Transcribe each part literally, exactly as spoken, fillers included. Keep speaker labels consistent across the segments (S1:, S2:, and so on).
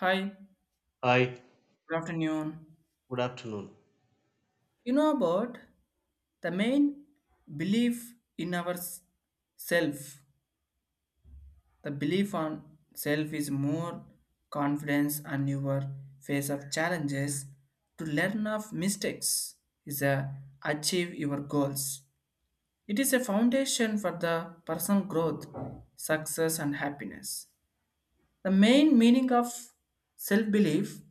S1: Hi,
S2: Hi,
S1: good afternoon.
S2: good afternoon.
S1: You know about the main belief in our s- self. The belief on self is more confidence on your face of challenges to learn of mistakes is a achieve your goals. It is a foundation for the personal growth, success and happiness. The main meaning of self belief,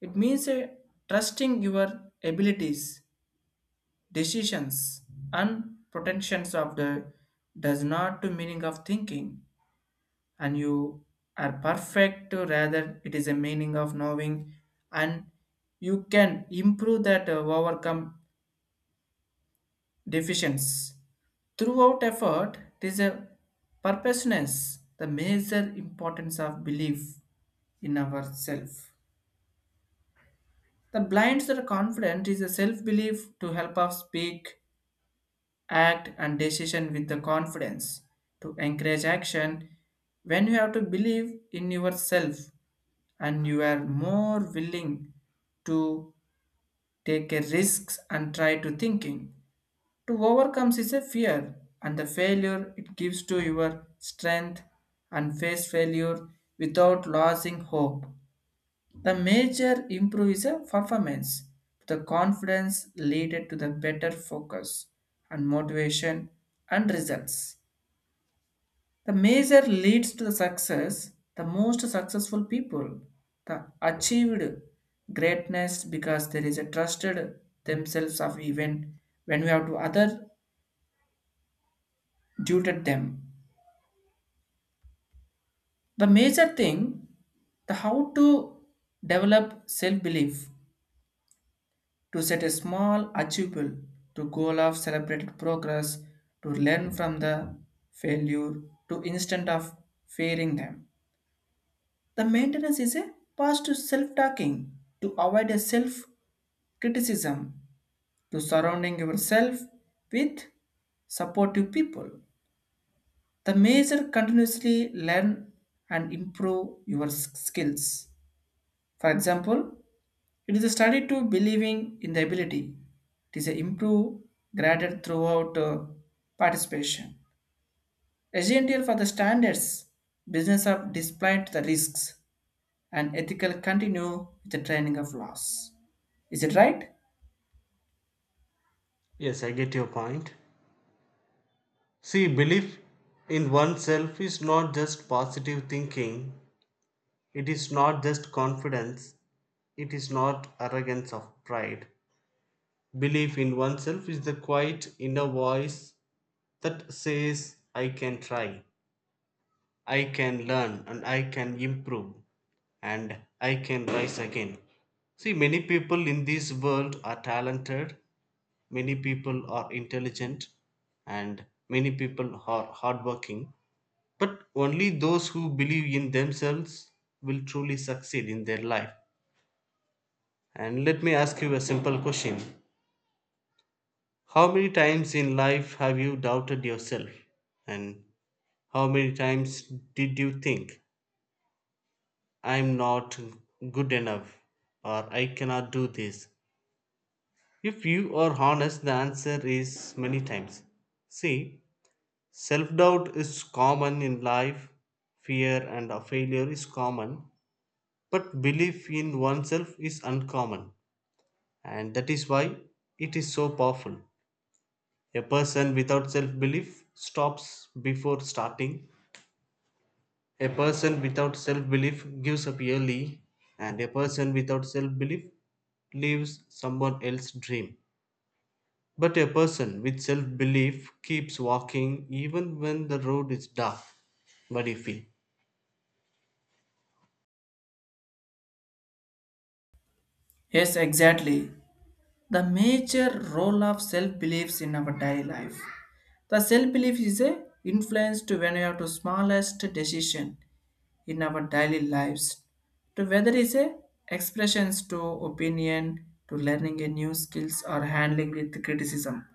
S1: it means a trusting your abilities, decisions and protections of the does not to meaning of thinking and you are perfect to rather it is a meaning of knowing and you can improve that, uh, overcome deficiencies throughout effort. It is a purposeness. The major importance of belief in ourself, the blinds that are confident is a self-belief to help us speak, act and decision with the confidence. To encourage action when you have to believe in yourself, and you are more willing to take a risks and try to thinking to overcome is a fear and the failure. It gives to your strength and face failure without losing hope. The major improve is a performance. The confidence leaded to the better focus and motivation and results. The major leads to the success. The most successful people the achieved greatness because there is a trusted themselves of even when we have to other tutored them. The major thing, the how to develop self belief, to set a small achievable to goal of celebrated progress, to learn from the failure to instant of fearing them, the maintenance is a positive self-talking to avoid a self-criticism, to surrounding yourself with supportive people, the major continuously learn and improve your s- skills, for example. It is a study to believing in the ability. It is a improve graded throughout uh, participation. Essential for the standards, business of displayed the risks and ethical continue with the training of laws. Is it right?
S2: Yes, I get your point. See, belief in oneself is not just positive thinking, it is not just confidence, it is not arrogance of pride. Belief in oneself is the quiet inner voice that says, I can try, I can learn, and I can improve, and I can rise again. See, many people in this world are talented, Many people are intelligent and many people are hardworking, but only those who believe in themselves will truly succeed in their life. And let me ask you a simple question How many times in life have you doubted yourself? And how many times did you think, I'm not good enough or I cannot do this? If you are honest, the answer is many times. See, Self doubt is common in life, fear and of failure is common, but belief in oneself is uncommon, and that is why it is so powerful. A person without self belief stops before starting, a person without self belief gives up early, and a person without self belief lives someone else's dream. But a person with self belief keeps walking even when the road is dark. What do you feel?
S1: Yes, exactly. The major role of self-beliefs in our daily life. The self-belief is a influence to when you have to smallest decision in our daily lives, to whether is a expressions to opinion to learning a new skills or handling with criticism.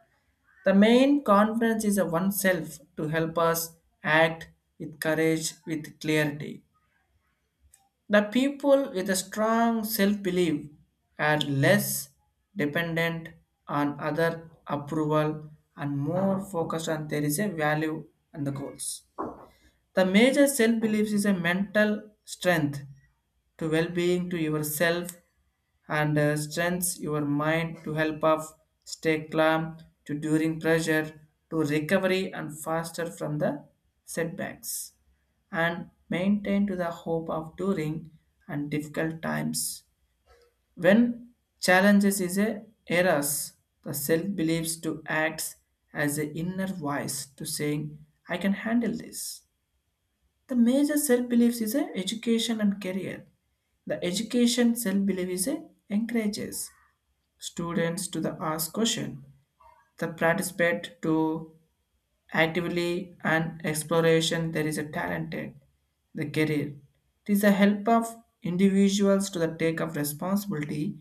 S1: The main confidence is a oneself to help us act with courage, with clarity. The people with a strong self-belief are less dependent on other approval and more focused on there is a value and the goals. The major self beliefs is a mental strength to well-being to yourself and uh, strengths your mind to help us stay calm to during pressure, to recovery and faster from the setbacks and maintain to the hope of during and difficult times when challenges is a errors. The self believes to acts as the inner voice to saying I can handle this. The major self beliefs is a education and career. The education self belief is a encourages students to the ask question, the participate to actively and exploration. There is a talented, the career. It is a help of individuals to the take of responsibility,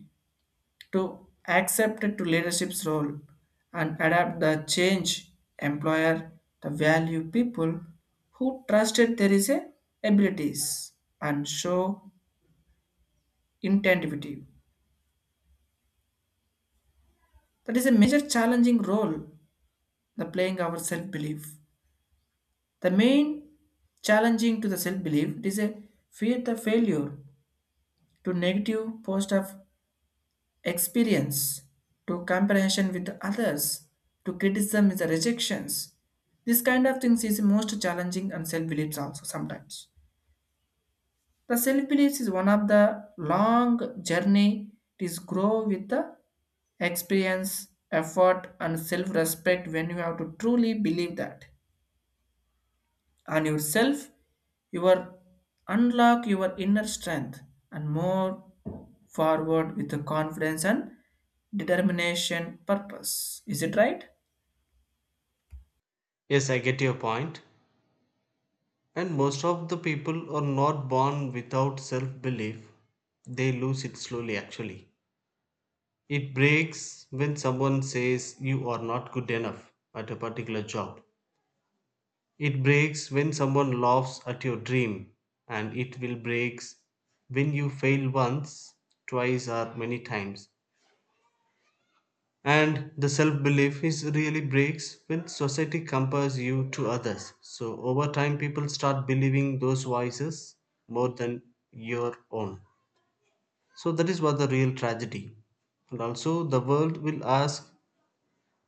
S1: to accept to leadership's role and adapt the change employer the value people who trusted there is a abilities and show intensity, that is a major challenging role the playing our self belief. The main challenging to the self belief is a fear the failure, to negative post of experience, to comparison with others, to criticism is the rejections. This kind of things is most challenging and self beliefs also sometimes. The self beliefs is one of the long journey. It is grow with the experience effort and self respect when you have to truly believe that on yourself, you are unlock your inner strength and move forward with the confidence and determination purpose. Is it right?
S2: Yes, I get your point. And most of the people are not born without self belief. They lose it slowly, actually. It breaks when someone says you are not good enough at a particular job. It breaks when someone laughs at your dream. And it will breaks when you fail once, twice, or many times. And the self-belief is really breaks when society compares you to others, so over time people start believing those voices more than your own. So that is what the real tragedy. And also the world will ask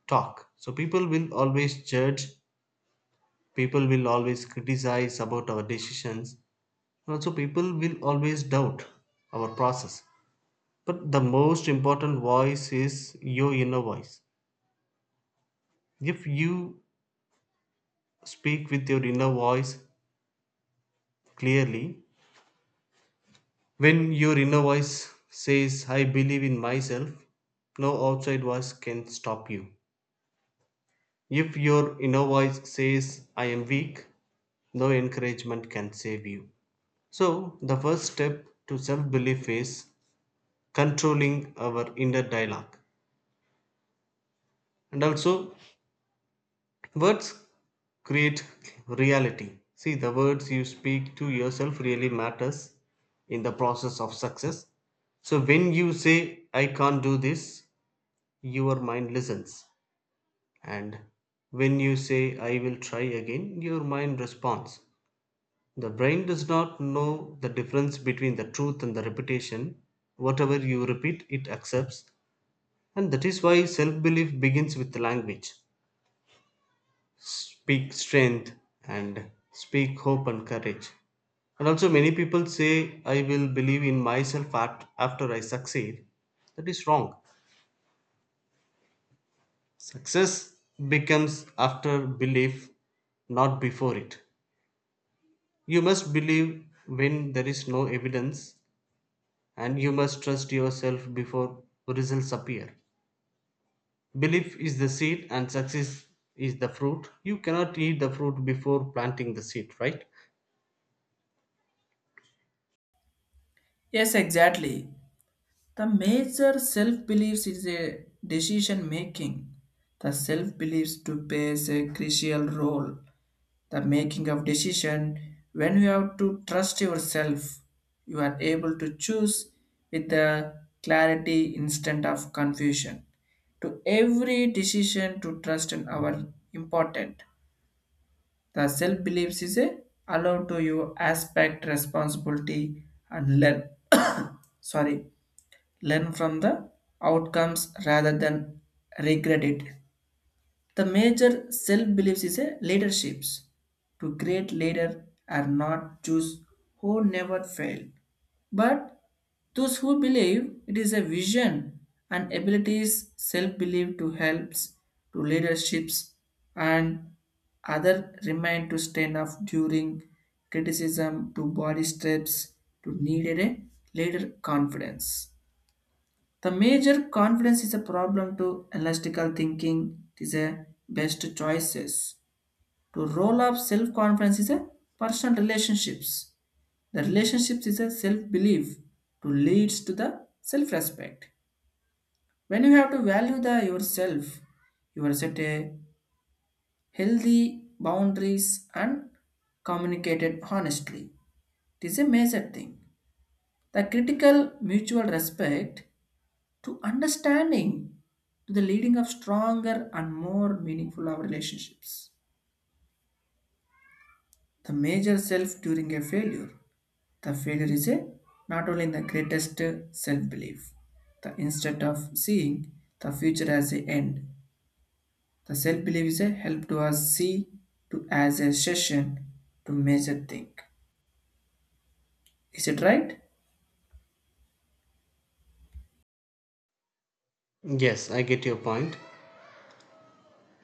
S2: talk, so people will always judge, people will always criticize about our decisions, and also people will always doubt our process. But the most important voice is your inner voice. If you Speak with your inner voice clearly. When your inner voice says, I believe in myself, no outside voice can stop you. If your inner voice says, I am weak, no encouragement can save you. So, the first step to self belief is controlling our inner dialogue. And also, Words create reality. See, the words you speak to yourself really matters in the process of success. So when you say I can't do this, your mind listens. And when you say I will try again, your mind responds. The brain does not know the difference between the truth and the repetition. Whatever you repeat, it accepts. And that is why self belief begins with language. Speak strength and speak hope and courage. And also, many people say, I will believe in myself at, after I succeed. That is wrong. Success becomes after belief, not before it. You must believe when there is no evidence, and you must trust yourself before results appear. Belief is the seed, and success is the fruit. You cannot eat the fruit before planting the seed, right?
S1: Yes, exactly. The major self beliefs is a decision making. The self beliefs to plays a crucial role the making of decision when you have to trust yourself, you are able to choose with the clarity instead of confusion to every decision to trust in our important. The self beliefs is a allow to you aspect responsibility and learn sorry, learn from the outcomes rather than regret it. The major self beliefs is a leaderships. To great leader are not those who never fail, but those who believe it is a vision and abilities. Self belief to helps to leaderships and other remain to stand up during criticism to body steps to needed a leader confidence. The major confidence is a problem to elastical thinking. It is a best choices. To roll up self-confidence is a personal relationships. The relationships is a self-belief to leads to the self-respect. When you have to value the yourself, you are set a healthy boundaries and communicated honestly. It is a major thing. The critical mutual respect to understanding to the leading of stronger and more meaningful our relationships. The major self during a failure, the failure is a not only in the greatest self belief, the instead of seeing the future as a end, the self belief is a help to us see to as a session to measure think. Is it right?
S2: Yes, I get your point.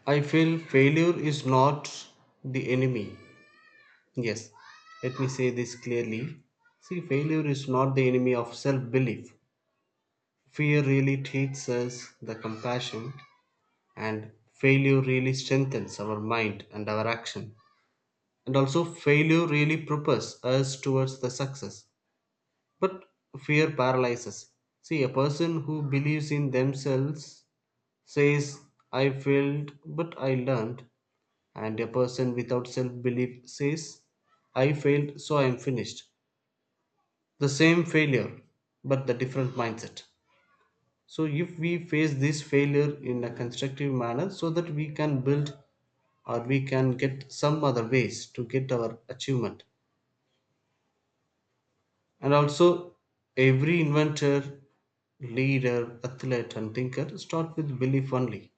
S2: I feel failure is not the enemy. Yes, let me say this clearly. See, failure is not the enemy of self belief. Fear really teaches us the compassion, and failure really strengthens our mind and our action. And also, failure really propels us towards the success. But fear paralyzes. See, a person who believes in themselves says, I failed, but I learned. And a person without self belief says, I failed, so I am finished. The same failure, but the different mindset. So, if we face this failure in a constructive manner, so that we can build or we can get some other ways to get our achievement. And also, every inventor, leader, athlete, and thinker start with belief only,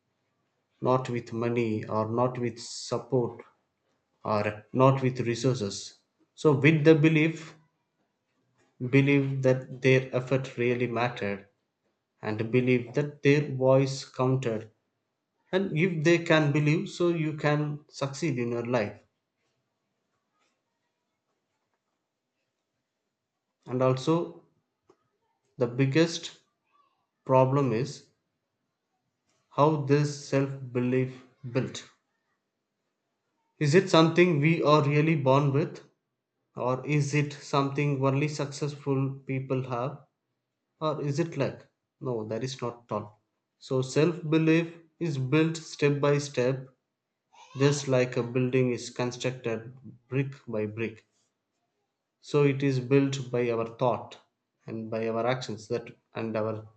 S2: not with money or not with support or not with resources. So, with the belief, Believe that their effort really mattered and believe that their voice counted. And if they can believe, so you can succeed in your life. And also, the biggest problem is how this self belief built. Is it something we are really born with, or is it something only successful people have, or is it luck? No, that is not at all. So self belief is built step by step. Just like a building is constructed brick by brick, so it is built by our thought and by our actions that and our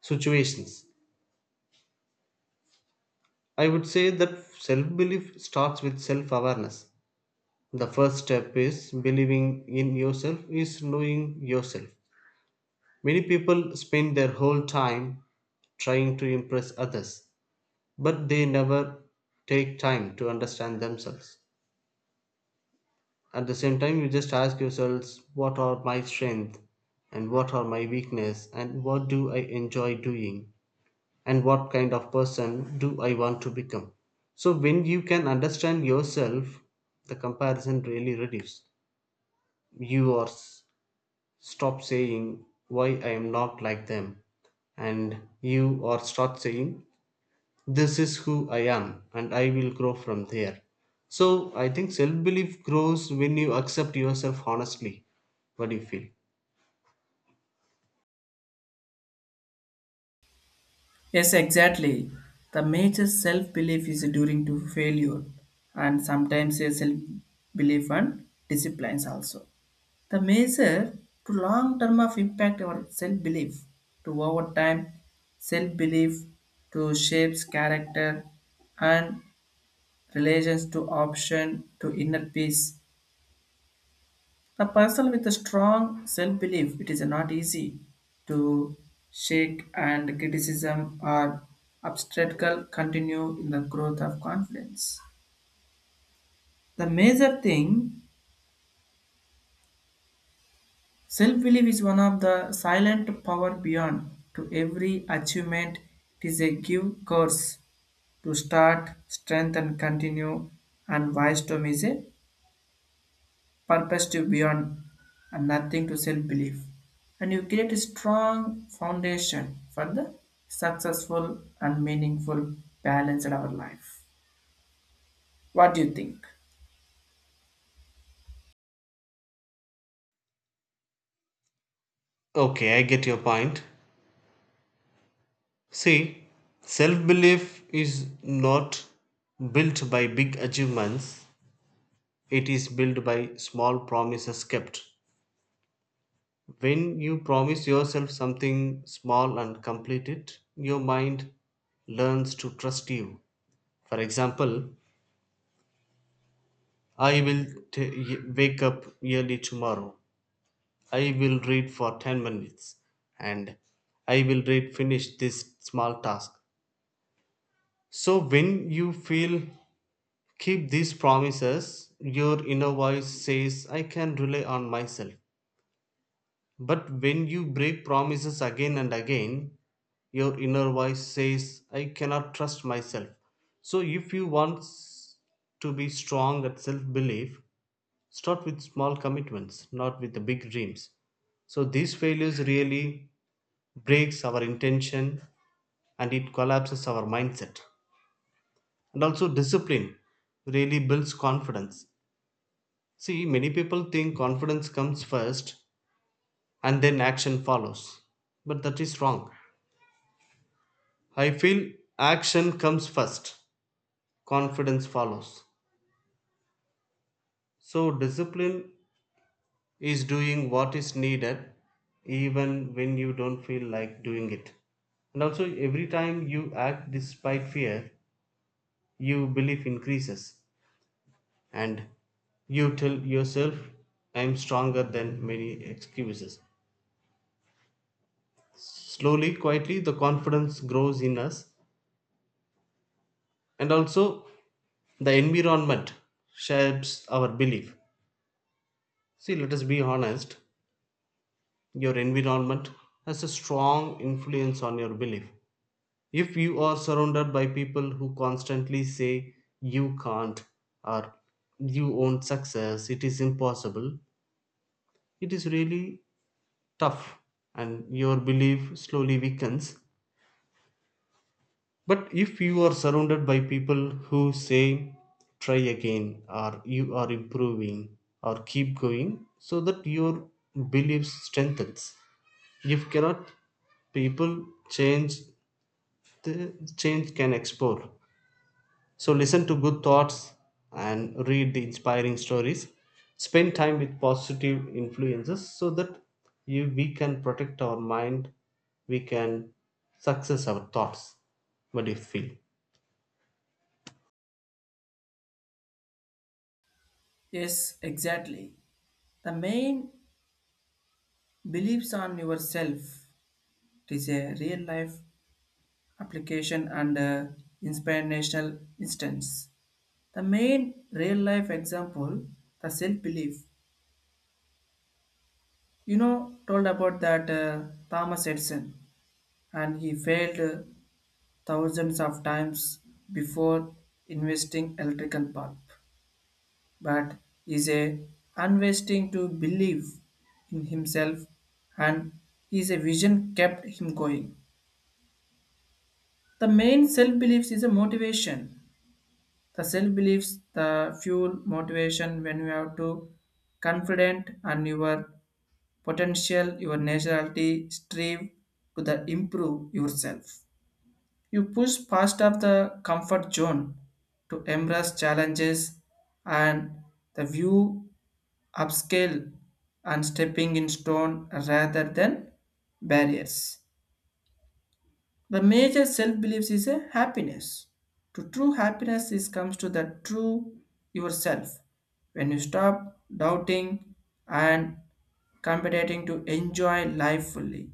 S2: situations. I would say that self belief starts with self awareness. The first step is believing in yourself, is knowing yourself. Many people spend their whole time trying to impress others, but they never take time to understand themselves. At the same time, you just ask yourselves what are my strengths and what are my weakness and what do I enjoy doing and what kind of person do I want to become. So when you can understand yourself, the comparison really reduces. You are s- stop saying why I am not like them, and you are start saying this is who I am and I will grow from there. So I think self belief grows when you accept yourself honestly. What do you feel?
S1: Yes, exactly. The major self belief is during to failure and sometimes a self belief and disciplines also. The measure to long term of impact or self belief to over time, self belief to shapes character and relations to option to inner peace. The person with a strong self-belief, it is not easy to shake and criticism or obstacle continue in the growth of confidence. The major thing, self-belief is one of the silent power beyond to every achievement. It is a give course to start, strength and continue and wisdom is a purpose to beyond and nothing to self belief. And you create a strong foundation for the successful and meaningful balance in our life. What do you think?
S2: Okay, I get your point. See, self belief is not built by big achievements, it is built by small promises kept. When you promise yourself something small and complete it, your mind learns to trust you. For example, I will t- wake up early tomorrow. I will read for ten minutes and I will read finish this small task. So when you feel keep these promises, your inner voice says I can rely on myself. But when you break promises again and again, your inner voice says I cannot trust myself. So if you want s- to be strong at self belief, Start with small commitments, not with the big dreams. So these failures really breaks our intention and it collapses our mindset. And also discipline really builds confidence. See, many people think confidence comes first and then action follows. But that is wrong. I feel action comes first, confidence follows. So discipline is doing what is needed even when you don't feel like doing it. And also, every time you act despite fear, your belief increases and you tell yourself, I'm stronger than many excuses. Slowly, quietly, the confidence grows in us, and also the environment shapes our belief. See, let us be honest, your environment has a strong influence on your belief. If you are surrounded by people who constantly say you can't or you won't success, it is impossible, it is really tough, and your belief slowly weakens. But if you are surrounded by people who say try again or you are improving or keep going, so that your belief strengthens. If cannot people change, the change can explore. So listen to good thoughts and read the inspiring stories. Spend time with positive influences so that you, we can protect our mind, we can success our thoughts. What do you feel?
S1: Yes, exactly. The main beliefs on yourself is a real life application and a inspirational instance. The main real life example, the self belief. You know, told about that uh, Thomas Edison and he failed uh, thousands of times before investing electrical bulb, but is a unwasting to believe in himself, and his vision kept him going. The main self-beliefs is a motivation. The self-beliefs, the fuel motivation when you have to confident and your potential, your nationality strive to the improve yourself. You push past of the comfort zone to embrace challenges and the view upscale and stepping in stone rather than barriers. The major self beliefs is a happiness. To true happiness is comes to the true yourself. When you stop doubting and competing to enjoy life fully,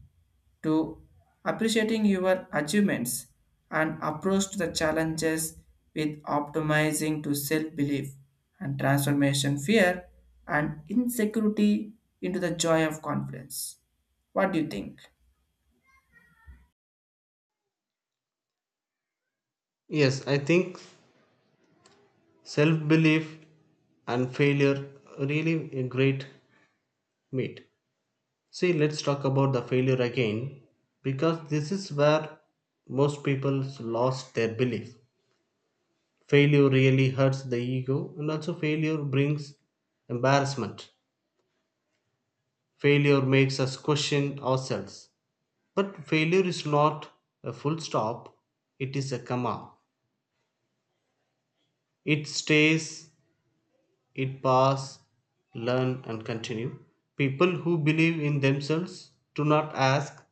S1: to appreciating your achievements and approach to the challenges with optimizing to self-belief and transformation fear and insecurity into the joy of confidence. What do you think?
S2: Yes, I think self belief and failure really a great meet. See, let's talk about the failure again because this is where most people lost their belief. Failure really hurts the ego and also failure brings embarrassment. Failure makes us question ourselves, but failure is not a full stop, it is a comma. It stays, it pass, learn and continue. People who believe in themselves do not ask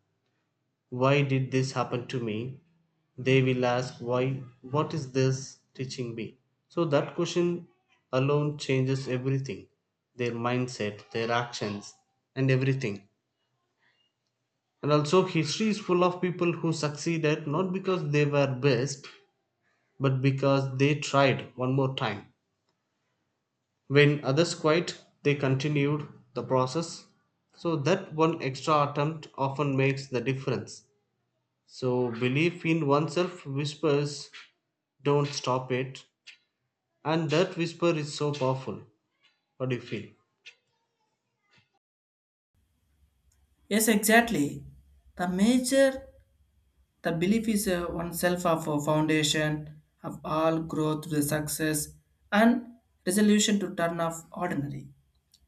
S2: Why did this happen to me? They will ask why what is this teaching me? So that question alone changes everything. Their mindset, their actions, and everything. And also history is full of people who succeeded not because they were best, but because they tried one more time. When others quit, they continued the process. So that one extra attempt often makes the difference. So belief in oneself whispers Don't stop it. And that whisper is so powerful. What do you feel?
S1: Yes, exactly. The major, the belief is uh, oneself of a foundation of all growth to success and resolution to turn off ordinary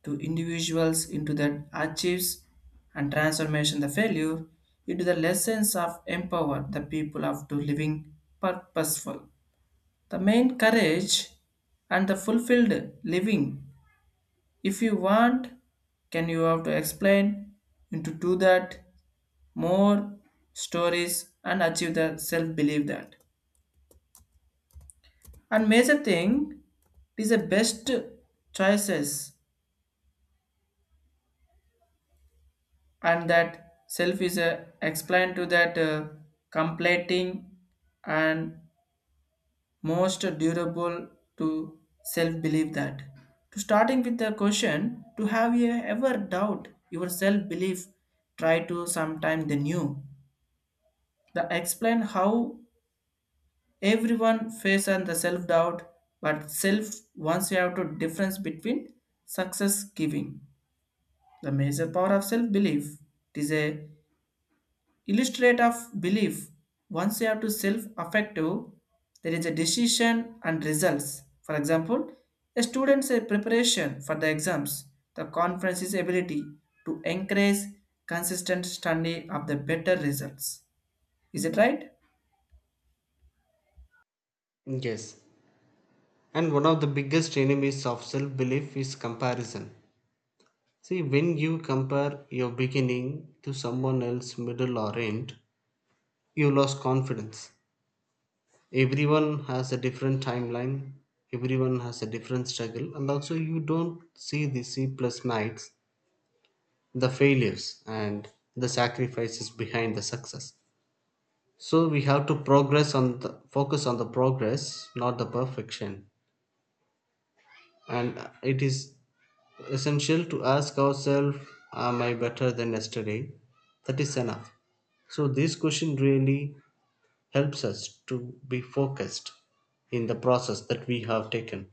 S1: to individuals into that achieves and transformation the failure into the lessons of empower the people of to living purposeful. The main courage and the fulfilled living. If you want, can you have to explain into do that more stories and achieve the self believe that, and major thing is the best choices, and that self is uh, explained to that uh, completing and most durable to self believe that, to starting with the question to have you ever doubt your self belief, try to sometime the new, the explain how Everyone face on the self doubt, but self once you have to difference between success giving. The major power of self belief. It is a illustrate of belief. Once you have to self affective, there is a decision and results. For example, a student's uh, preparation for the exams, the conference's ability to encourage consistent study of the better results. Is it right?
S2: Yes. And one of the biggest enemies of self belief is comparison. See, when you compare your beginning to someone else, middle or end, you lose confidence. Everyone has a different timeline, everyone has a different struggle, and also you don't see the C plus nights, the failures, and the sacrifices behind the success. So we have to progress on the focus on the progress, not the perfection. And it is essential to ask ourselves, am I better than yesterday? That is enough. So this question really helps us to be focused in the process that we have taken.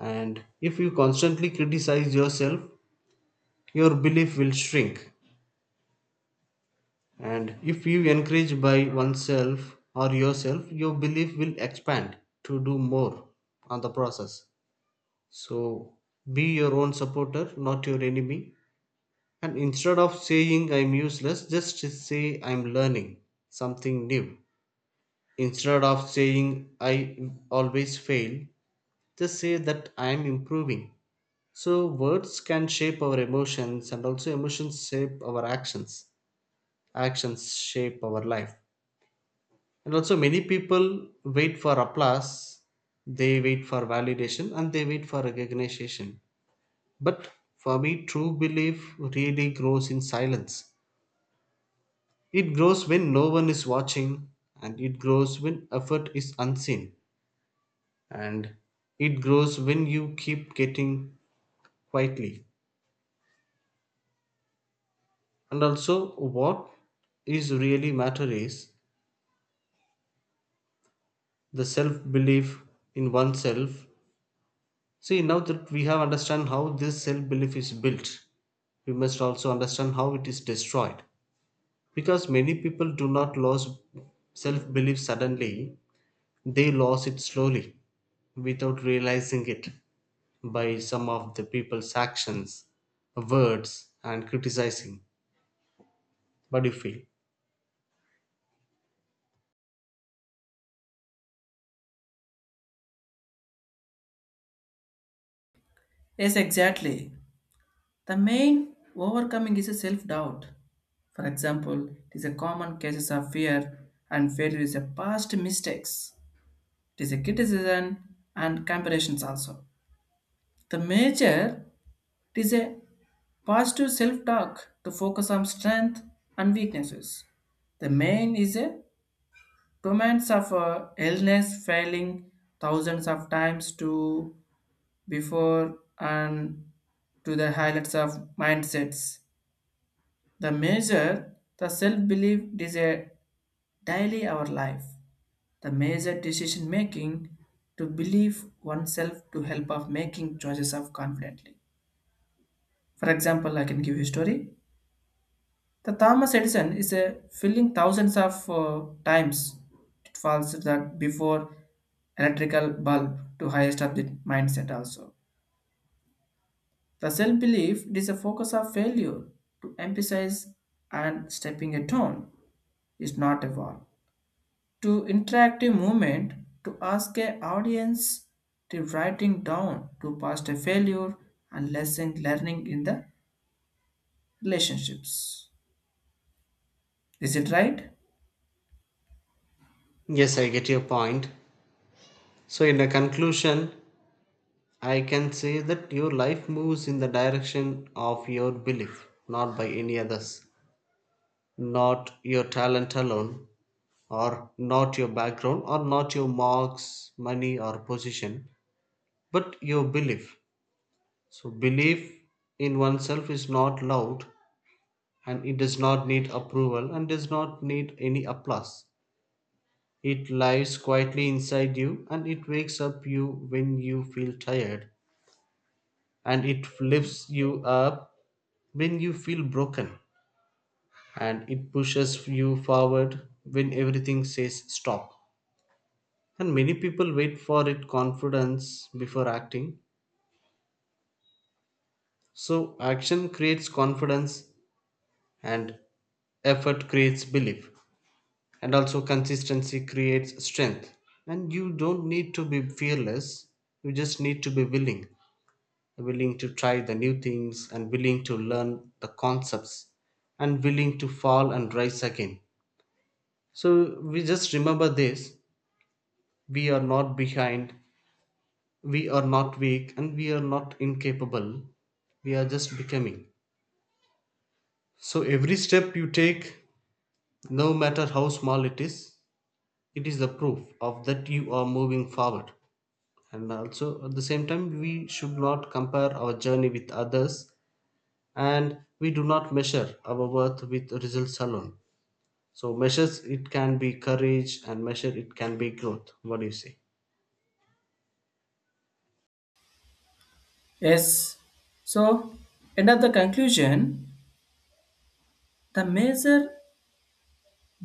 S2: And if you constantly criticize yourself, your belief will shrink. And if you encourage by oneself or yourself, your belief will expand to do more on the process. So be your own supporter, not your enemy. And instead of saying I'm useless, just say I'm learning something new. Instead of saying I always fail, just say that I'm improving. So words can shape our emotions and also emotions shape our actions. Actions shape our life. And also, many people wait for applause, they wait for validation, and they wait for recognition. But for me, true belief really grows in silence. It grows when no one is watching, and it grows when effort is unseen, and it grows when you keep getting quietly. And also, what is really matter is the self belief in oneself. See, now that we have understand how this self belief is built, we must also understand how it is destroyed. Because many people do not lose self belief suddenly, they lose it slowly without realizing it by some of the people's actions, words, and criticizing. What do you feel?
S1: Yes, exactly. The main overcoming is a self doubt. For example, it is a common cases of fear and failure is a past mistakes. It is a criticism and comparisons also. The major, it is a positive self talk to focus on strength and weaknesses. The main is a torments of uh, illness failing thousands of times to before and to the highlights of mindsets. The major, the self belief is a daily our life. The major decision making to believe oneself to help of making choices of confidently. For example, I can give you a story. The Thomas Edison is a filling thousands of uh, times it falls that before electrical bulb to highest of the mindset also. The self belief is a focus of failure to emphasize and stepping a tone is not a wall. To interactive movement to ask a audience to writing down to past a failure and lesson learning in the relationships. Is it right?
S2: Yes, I get your point. So, in a conclusion, I can say that your life moves in the direction of your belief, not by any others. Not your talent alone, or not your background, or not your marks, money, or position, but your belief. So, belief in oneself is not loud and it does not need approval and does not need any applause. It lies quietly inside you and it wakes up you when you feel tired and it lifts you up when you feel broken and it pushes you forward when everything says stop. And many people wait for it confidence before acting. So action creates confidence and effort creates belief. And also consistency creates strength. And you don't need to be fearless. You just need to be willing. Willing to try the new things and willing to learn the concepts and willing to fall and rise again. So we just remember this. We are not behind, we are not weak and we are not incapable, we are just becoming. So every step you take, no matter how small it is, it is the proof of that you are moving forward. And also at the same time we should not compare our journey with others, and we do not measure our worth with results alone. So measures it can be courage and measure it can be growth. What do you say?
S1: Yes. So end of the conclusion, the major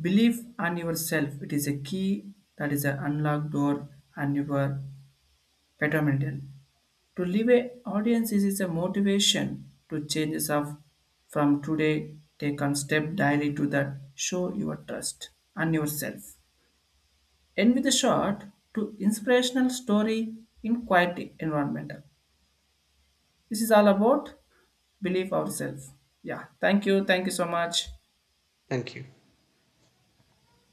S1: belief on yourself. It is a key that is an unlocked door and your betterment. To live audiences is a motivation to changes of from today take on step daily to that. Show your trust on yourself. End with a short to inspirational story in quiet environmental. This is all about believe ourselves. Yeah, thank you. Thank you so much.
S2: Thank you.